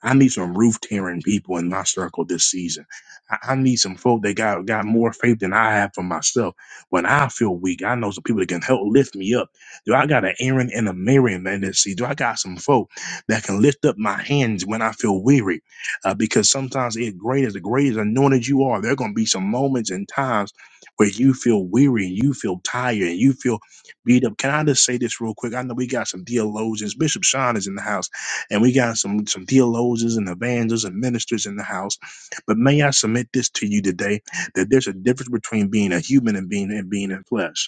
Speaker 1: I need some roof tearing people in my circle this season. I, I need some folk that got got more faith than I have for myself. When I feel weak, I know some people that can help lift me up. Do I got an Aaron and a Miriam in this season? Do I got some folk that can lift up my hands when I feel weary? Uh, because sometimes it great as the greatest anointed you are, there are gonna be some moments and times where you feel weary and you feel tired and you feel beat up. Can I just say this real quick? I know we got some theologians. Bishop Sean is in the house and we got some some theologians and evangelists and ministers in the house. But may I submit this to you today that there's a difference between being a human and being and being in flesh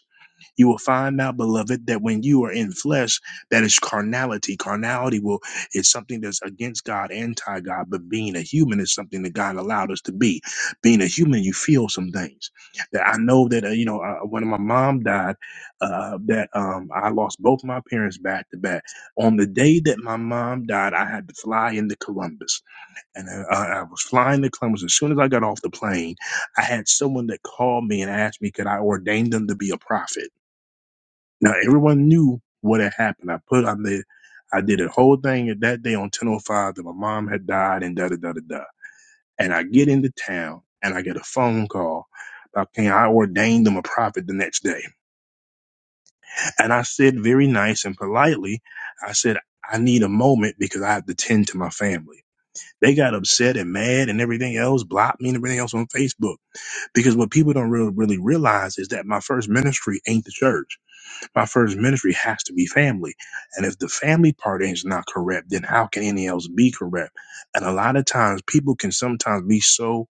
Speaker 1: you will find out beloved that when you are in flesh that is carnality carnality will is something that's against god anti-god but being a human is something that god allowed us to be being a human you feel some things that i know that uh, you know uh, when my mom died uh, that um, i lost both my parents back to back on the day that my mom died i had to fly into columbus and uh, i I was flying to columbus as soon as i got off the plane i had someone that called me and asked me could i ordain them to be a prophet now everyone knew what had happened. I put on the, I did a whole thing at that day on 10:05 that my mom had died and da da da da da. And I get into town and I get a phone call. about can I ordained them a prophet the next day? And I said very nice and politely, I said I need a moment because I have to tend to my family. They got upset and mad and everything else, blocked me and everything else on Facebook. Because what people don't really, really realize is that my first ministry ain't the church my first ministry has to be family. And if the family part is not correct, then how can any else be correct? And a lot of times people can sometimes be so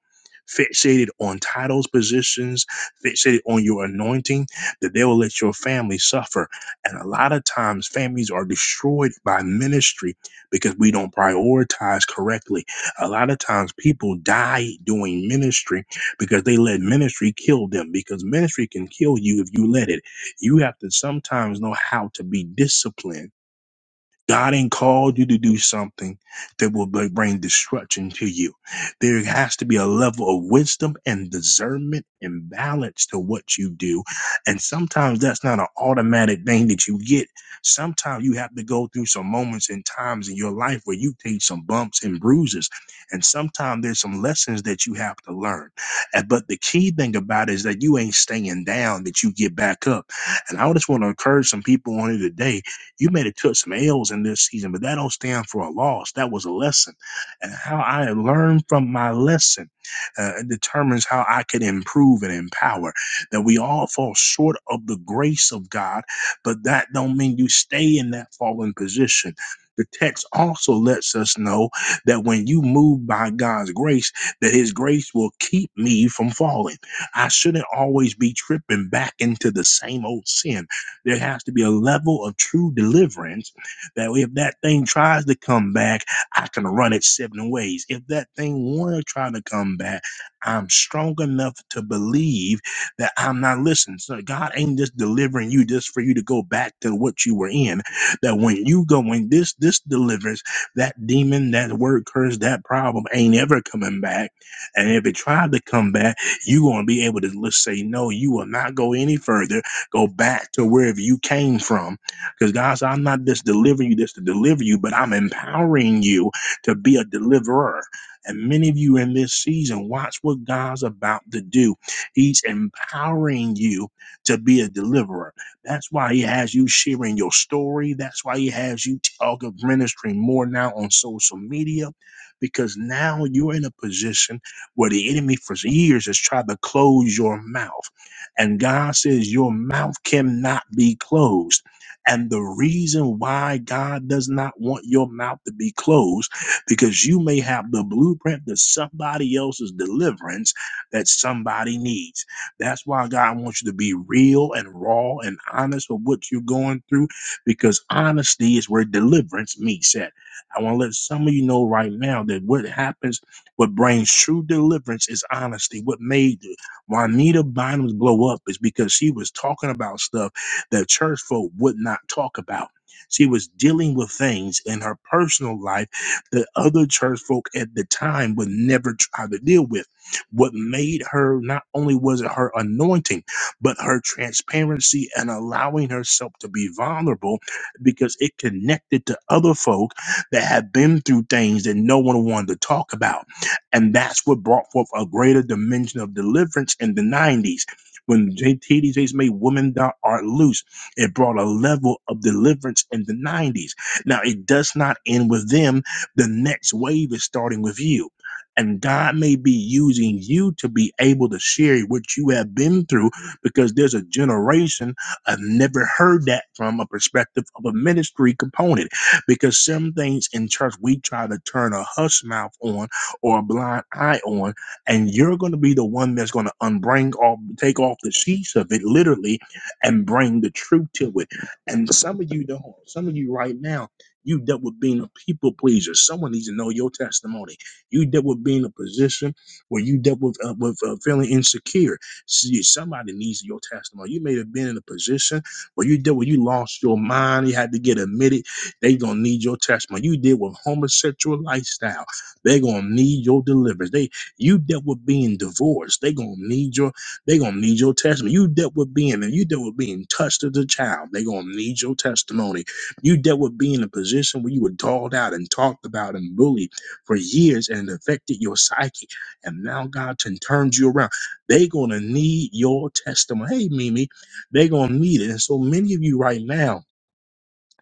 Speaker 1: fixated on titles, positions, fixated on your anointing that they will let your family suffer. And a lot of times families are destroyed by ministry because we don't prioritize correctly. A lot of times people die doing ministry because they let ministry kill them because ministry can kill you if you let it. You have to sometimes know how to be disciplined God ain't called you to do something that will br- bring destruction to you. There has to be a level of wisdom and discernment and balance to what you do. And sometimes that's not an automatic thing that you get. Sometimes you have to go through some moments and times in your life where you take some bumps and bruises. And sometimes there's some lessons that you have to learn. And- But the key thing about it is that you ain't staying down, that you get back up. And I just want to encourage some people on here today you may have took some L's in this season, but that don't stand for a loss. That was a lesson. And how I learned from my lesson uh, determines how I can improve and empower. That we all fall short of the grace of God, but that don't mean you stay in that fallen position. The text also lets us know that when you move by God's grace, that His grace will keep me from falling. I shouldn't always be tripping back into the same old sin there has to be a level of true deliverance that if that thing tries to come back, I can run it seven ways. If that thing want to try to come back, I'm strong enough to believe that I'm not listening. So God ain't just delivering you just for you to go back to what you were in. That when you go, when this this delivers, that demon, that word curse, that problem ain't ever coming back. And if it tried to come back, you gonna be able to let's say no, you will not go any further Go back to wherever you came from. Because God said, I'm not just delivering you this to deliver you, but I'm empowering you to be a deliverer. And many of you in this season, watch what God's about to do. He's empowering you to be a deliverer. That's why He has you sharing your story. That's why He has you talk of ministry more now on social media, because now you're in a position where the enemy for years has tried to close your mouth. And God says, Your mouth cannot be closed. And the reason why God does not want your mouth to be closed, because you may have the blueprint to somebody else's deliverance that somebody needs. That's why God wants you to be real and raw and honest with what you're going through, because honesty is where deliverance meets at. I want to let some of you know right now that what happens, what brings true deliverance is honesty. What made Juanita Bynum's blow up is because she was talking about stuff that church folk would not talk about. She was dealing with things in her personal life that other church folk at the time would never try to deal with. What made her not only was it her anointing, but her transparency and allowing herself to be vulnerable because it connected to other folk that had been through things that no one wanted to talk about and that's what brought forth a greater dimension of deliverance in the 90s. When J- TDJ's made Women Thou Art Loose, it brought a level of deliverance in the 90s. Now, it does not end with them. The next wave is starting with you. And God may be using you to be able to share what you have been through because there's a generation I've never heard that from a perspective of a ministry component. Because some things in church we try to turn a hush mouth on or a blind eye on, and you're going to be the one that's going to unbring off, take off the sheets of it literally, and bring the truth to it. And some of you don't. Some of you right now, you dealt with being a people pleaser. Someone needs to know your testimony. You dealt with being in a position where you dealt with uh, with uh, feeling insecure. See, somebody needs your testimony. You may have been in a position where you dealt with you lost your mind. You had to get admitted. They gonna need your testimony. You deal with homosexual lifestyle they're gonna need your deliverance. They you dealt with being divorced. they gonna need your they gonna need your testimony. You dealt with being and you dealt with being touched as a child. they gonna need your testimony. You dealt with being in a position where you were dogged out and talked about and bullied for years and affected your psyche. And now God can turns you around. they gonna need your testimony. Hey Mimi, they gonna need it. And so many of you right now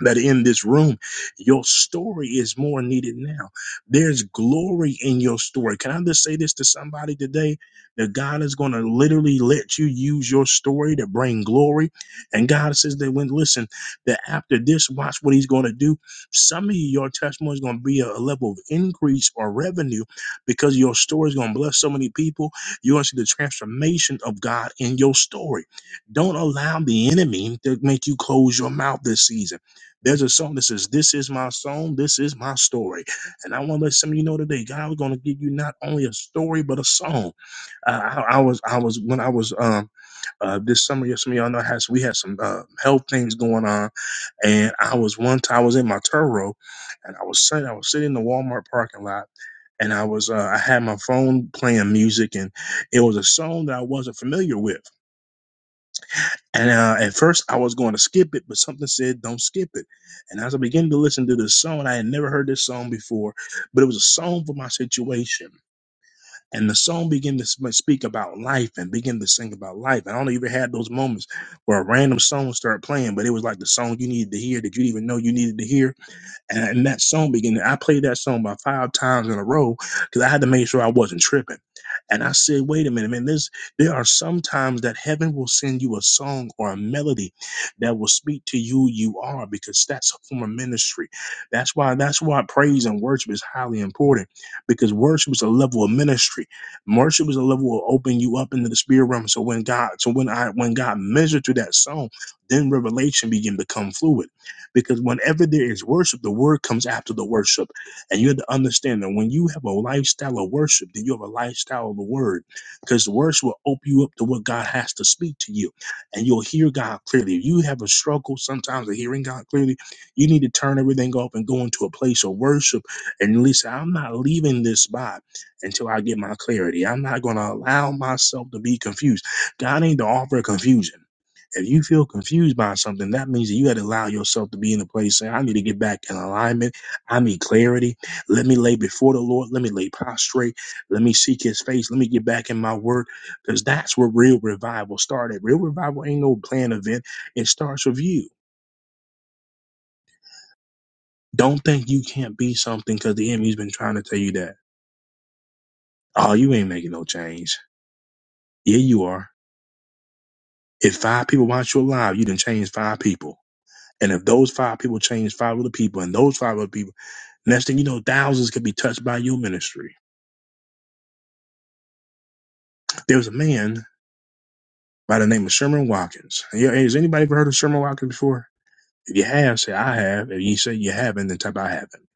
Speaker 1: that are in this room, your story is more needed now. There's glory in your story. Can I just say this to somebody today? That God is going to literally let you use your story to bring glory. And God says that when, listen, that after this, watch what he's going to do. Some of your testimony is going to be a, a level of increase or revenue because your story is going to bless so many people. You're going to see the transformation of God in your story. Don't allow the enemy to make you close your mouth this season there's a song that says, This is my song, this is my story. And I want to let some of you know today, God is going to give you not only a story, but a song. Uh, I, I was, I was, when I was, um, uh, this summer, yes, some of y'all know has we had some uh, health things going on, and I was one time I was in my Turo, and I was sitting I was sitting in the Walmart parking lot, and I was uh, I had my phone playing music, and it was a song that I wasn't familiar with. And uh, at first, I was going to skip it, but something said, "Don't skip it." And as I began to listen to this song, I had never heard this song before, but it was a song for my situation. And the song began to sm- speak about life and begin to sing about life. And I only even had those moments where a random song would start playing, but it was like the song you needed to hear that you didn't even know you needed to hear and, and that song began. I played that song about five times in a row because I had to make sure I wasn't tripping. And I said, wait a minute, man. This there are some times that heaven will send you a song or a melody that will speak to you you are because that's a form of ministry. That's why that's why praise and worship is highly important because worship is a level of ministry. Worship is a level will open you up into the spirit realm. So when God, so when I when God measured through that song, then revelation began to come fluid. Because whenever there is worship, the word comes after the worship. And you have to understand that when you have a lifestyle of worship, then you have a lifestyle of the word. Because the worship will open you up to what God has to speak to you. And you'll hear God clearly. If you have a struggle sometimes of hearing God clearly, you need to turn everything off and go into a place of worship. And at least say, I'm not leaving this spot until I get my clarity. I'm not going to allow myself to be confused. God ain't the author of confusion. If you feel confused by something, that means that you had to allow yourself to be in a place saying, I need to get back in alignment. I need clarity. Let me lay before the Lord. Let me lay prostrate. Let me seek his face. Let me get back in my word. Because that's where real revival started. Real revival ain't no planned event. It starts with you. Don't think you can't be something because the enemy's been trying to tell you that. Oh, you ain't making no change. Yeah, you are. If five people watch you alive, you done change five people. And if those five people change five other people, and those five other people Next thing you know, thousands could be touched by your ministry. There was a man by the name of Sherman Watkins. Yeah, Has anybody ever heard of Sherman Watkins before? If you have, say I have. If you say you haven't, then type I haven't.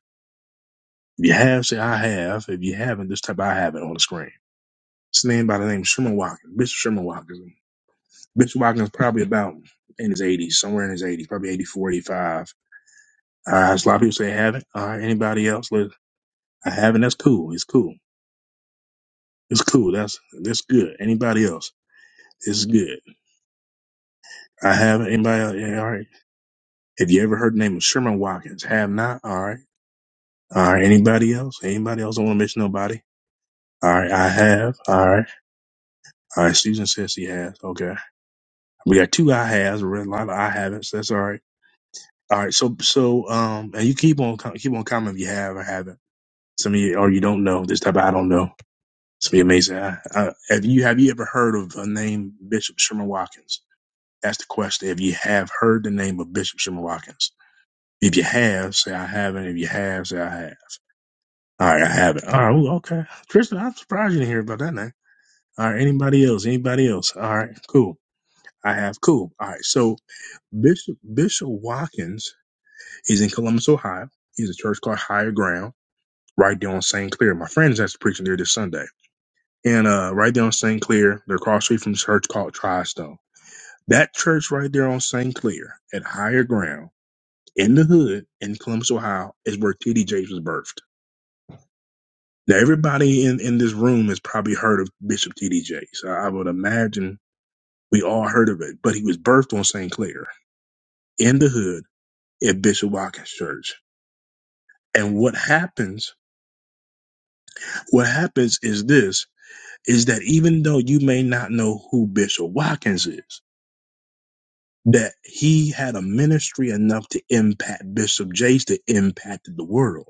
Speaker 1: If you have, say I have. If you haven't, just type I haven't on the screen. It's a man by the name of Sherman Watkins, Bishop Sherman Watkins. Bishop Watkins probably about in his 80s, somewhere in his 80s, probably 84, 85. Uh, there's a lot of people say I haven't. All right, anybody else? Look, I haven't. That's cool. It's cool. It's cool. That's that's good. Anybody else? It's good. I have anybody else? Yeah, all right. Have you ever heard the name of Sherman Watkins? Have not. All right. All right. Anybody else? Anybody else? I don't want to miss nobody. All right. I have. All right. All right. Susan says she has. Okay. We got two I has. We read a lot of I haven'ts. That's all right. All right. So so um, and you keep on com- keep on commenting if you have or haven't. Some of you or you don't know this type. Of, I don't know. It's be amazing. I, I, have you have you ever heard of a name Bishop Sherman Watkins? That's the question. If you have heard the name of Bishop Sherman Watkins. If you have, say I haven't. If you have, say I have. All right, I haven't. All right, ooh, okay. Tristan, I'm surprised you didn't hear about that name. All right, anybody else? Anybody else? All right, cool. I have, cool. All right, so Bishop Bishop Watkins is in Columbus, Ohio. He's a church called Higher Ground, right there on St. Clair. My friends that's preaching there this Sunday. And uh, right there on St. Clair, they're across the street from a church called Tristone. That church right there on St. Clair at Higher Ground in the hood in Columbus, Ohio, is where T.D. Jakes was birthed. Now, everybody in, in this room has probably heard of Bishop T.D. Jakes. I, I would imagine we all heard of it, but he was birthed on St. Clair in the hood at Bishop Watkins Church. And what happens, what happens is this, is that even though you may not know who Bishop Watkins is, that he had a ministry enough to impact Bishop Jakes that impacted the world.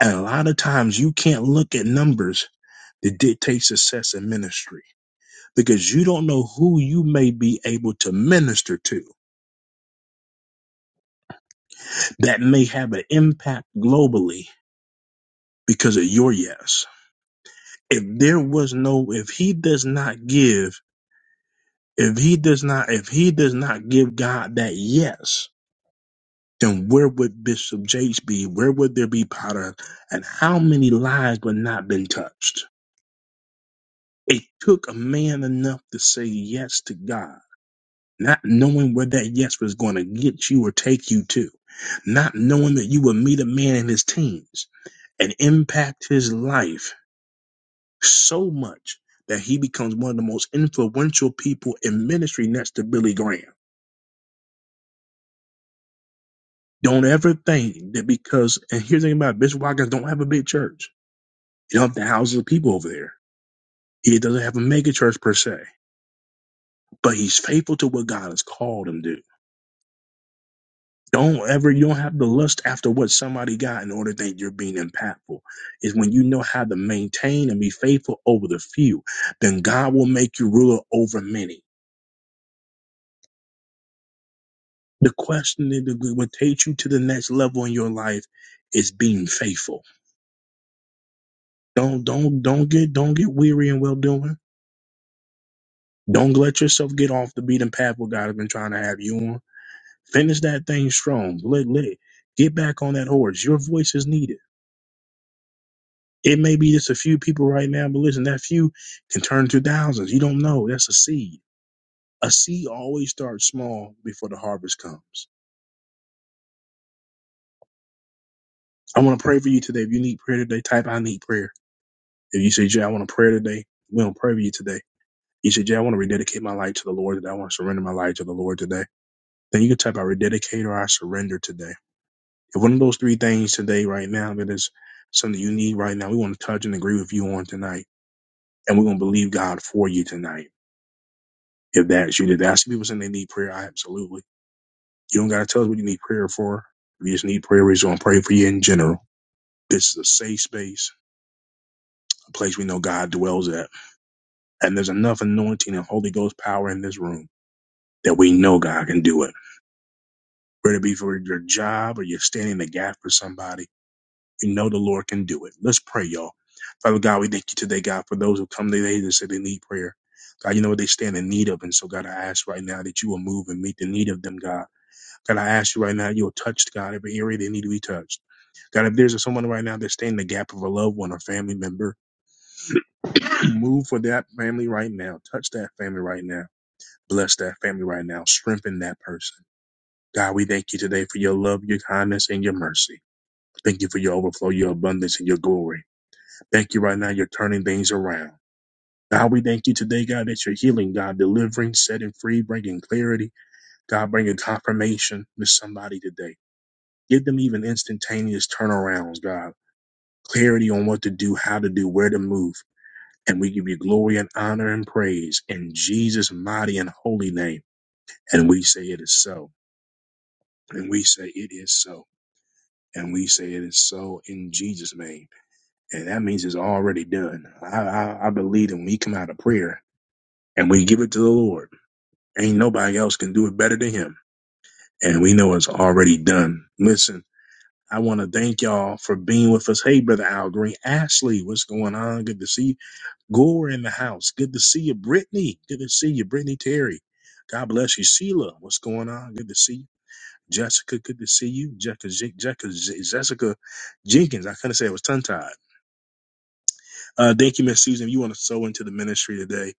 Speaker 1: And a lot of times you can't look at numbers that dictate success in ministry because you don't know who you may be able to minister to that may have an impact globally because of your yes. If there was no, if he does not give, if he does not, if he does not give God that yes, then where would Bishop Jakes be? Where would there be Potter? And how many lives would not been touched? It took a man enough to say yes to God not knowing where that yes was going to get you or take you to, not knowing that you would meet a man in his teens and impact his life so much that he becomes one of the most influential people in ministry next to Billy Graham. Don't ever think that because, and here's the thing about it, Bishop Watkins don't have a big church. He don't have the houses of people over there. He doesn't have a mega church per se, but he's faithful to what God has called him to. do. Don't ever, you don't have to lust after what somebody got in order to think you're being impactful. Is when you know how to maintain and be faithful over the few, then God will make you ruler over many. The question that will take you to the next level in your life is being faithful. Don't, don't, don't get, don't get weary in well doing. Don't let yourself get off the beaten path what God has been trying to have you on. Finish that thing strong. Let, let, get back on that horse. Your voice is needed. It may be just a few people right now, but listen, that few can turn to thousands. You don't know. That's a seed. A seed always starts small before the harvest comes. I want to pray for you today. If you need prayer today, type I need prayer. If you say, Jay, I want to pray today, we don't pray for you today. You say, Jay, I want to rededicate my life to the Lord today. I want to surrender my life to the Lord today. Then you can type I rededicate or I surrender today. If one of those three things today, right now, that is something you need right now, we want to touch and agree with you on tonight. And we're going to believe God for you tonight. If that's you, did I see people saying they need prayer, I absolutely. You don't gotta tell us what you need prayer for. If you just need prayer, we're just gonna pray for you in general. This is a safe space, a place we know God dwells at. And there's enough anointing and Holy Ghost power in this room that we know God can do it. Whether it be for your job or you're standing in the gap for somebody, you know the Lord can do it. Let's pray, y'all. Father God, we thank you today, God, for those who come today that say they need prayer. God, you know what they stand in need of. And so, God, I ask right now that you will move and meet the need of them, God. That I ask you right now, you'll touch God every area they need to be touched. God, if there's someone right now that's staying in the gap of a loved one or family member, move for that family right now. Touch that family right now. Bless that family right now. Strengthen that person. God, we thank you today for your love, your kindness, and your mercy. Thank you for your overflow, your abundance, and your glory. Thank you right now. You're turning things around. God, we thank you today, God, that you're healing, God, delivering, setting free, bringing clarity. God, bringing confirmation to somebody today. Give them even instantaneous turnarounds, God. Clarity on what to do, how to do, where to move. And we give you glory and honor and praise in Jesus' mighty and holy name. And we say it is so. And we say it is so. And we say it is so in Jesus' name. And that means it's already done. I, I, I believe that when we come out of prayer and we give it to the Lord, ain't nobody else can do it better than him. And we know it's already done. Listen. I want to thank y'all for being with us. Hey, Brother Al Green. Ashley, what's going on? Good to see you. Gore in the house. Good to see you. Brittany, good to see you. Brittany Terry. God bless you. Sheila, what's going on? Good to see you. Jessica, good to see you. Jessica, Je- Jessica, Je- Jessica Jenkins. I couldn't say it was tongue tied. Uh, thank you, Miss Susan. If you want to sow into the ministry today,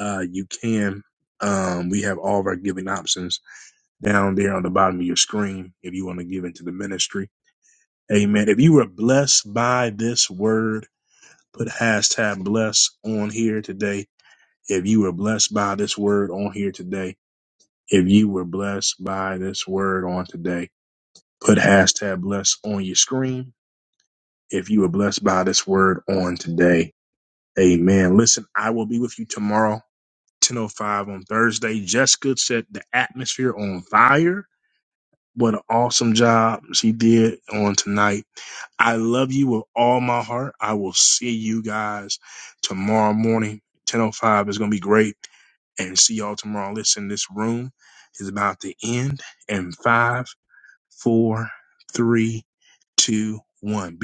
Speaker 1: uh, you can. Um, we have all of our giving options down there on the bottom of your screen if you want to give into the ministry. Amen. If you were blessed by this word, put hashtag bless on here today. If you were blessed by this word on here today, if you were blessed by this word on today, put hashtag bless on your screen. If you were blessed by this word on today, amen. Listen, I will be with you tomorrow, 10.05 on Thursday. Jessica set the atmosphere on fire What an awesome job she did on tonight. I love you with all my heart. I will see you guys tomorrow morning. 10.05 It's going to be great. And see y'all tomorrow. Listen, this room is about to end in five, four, three, two, one. Be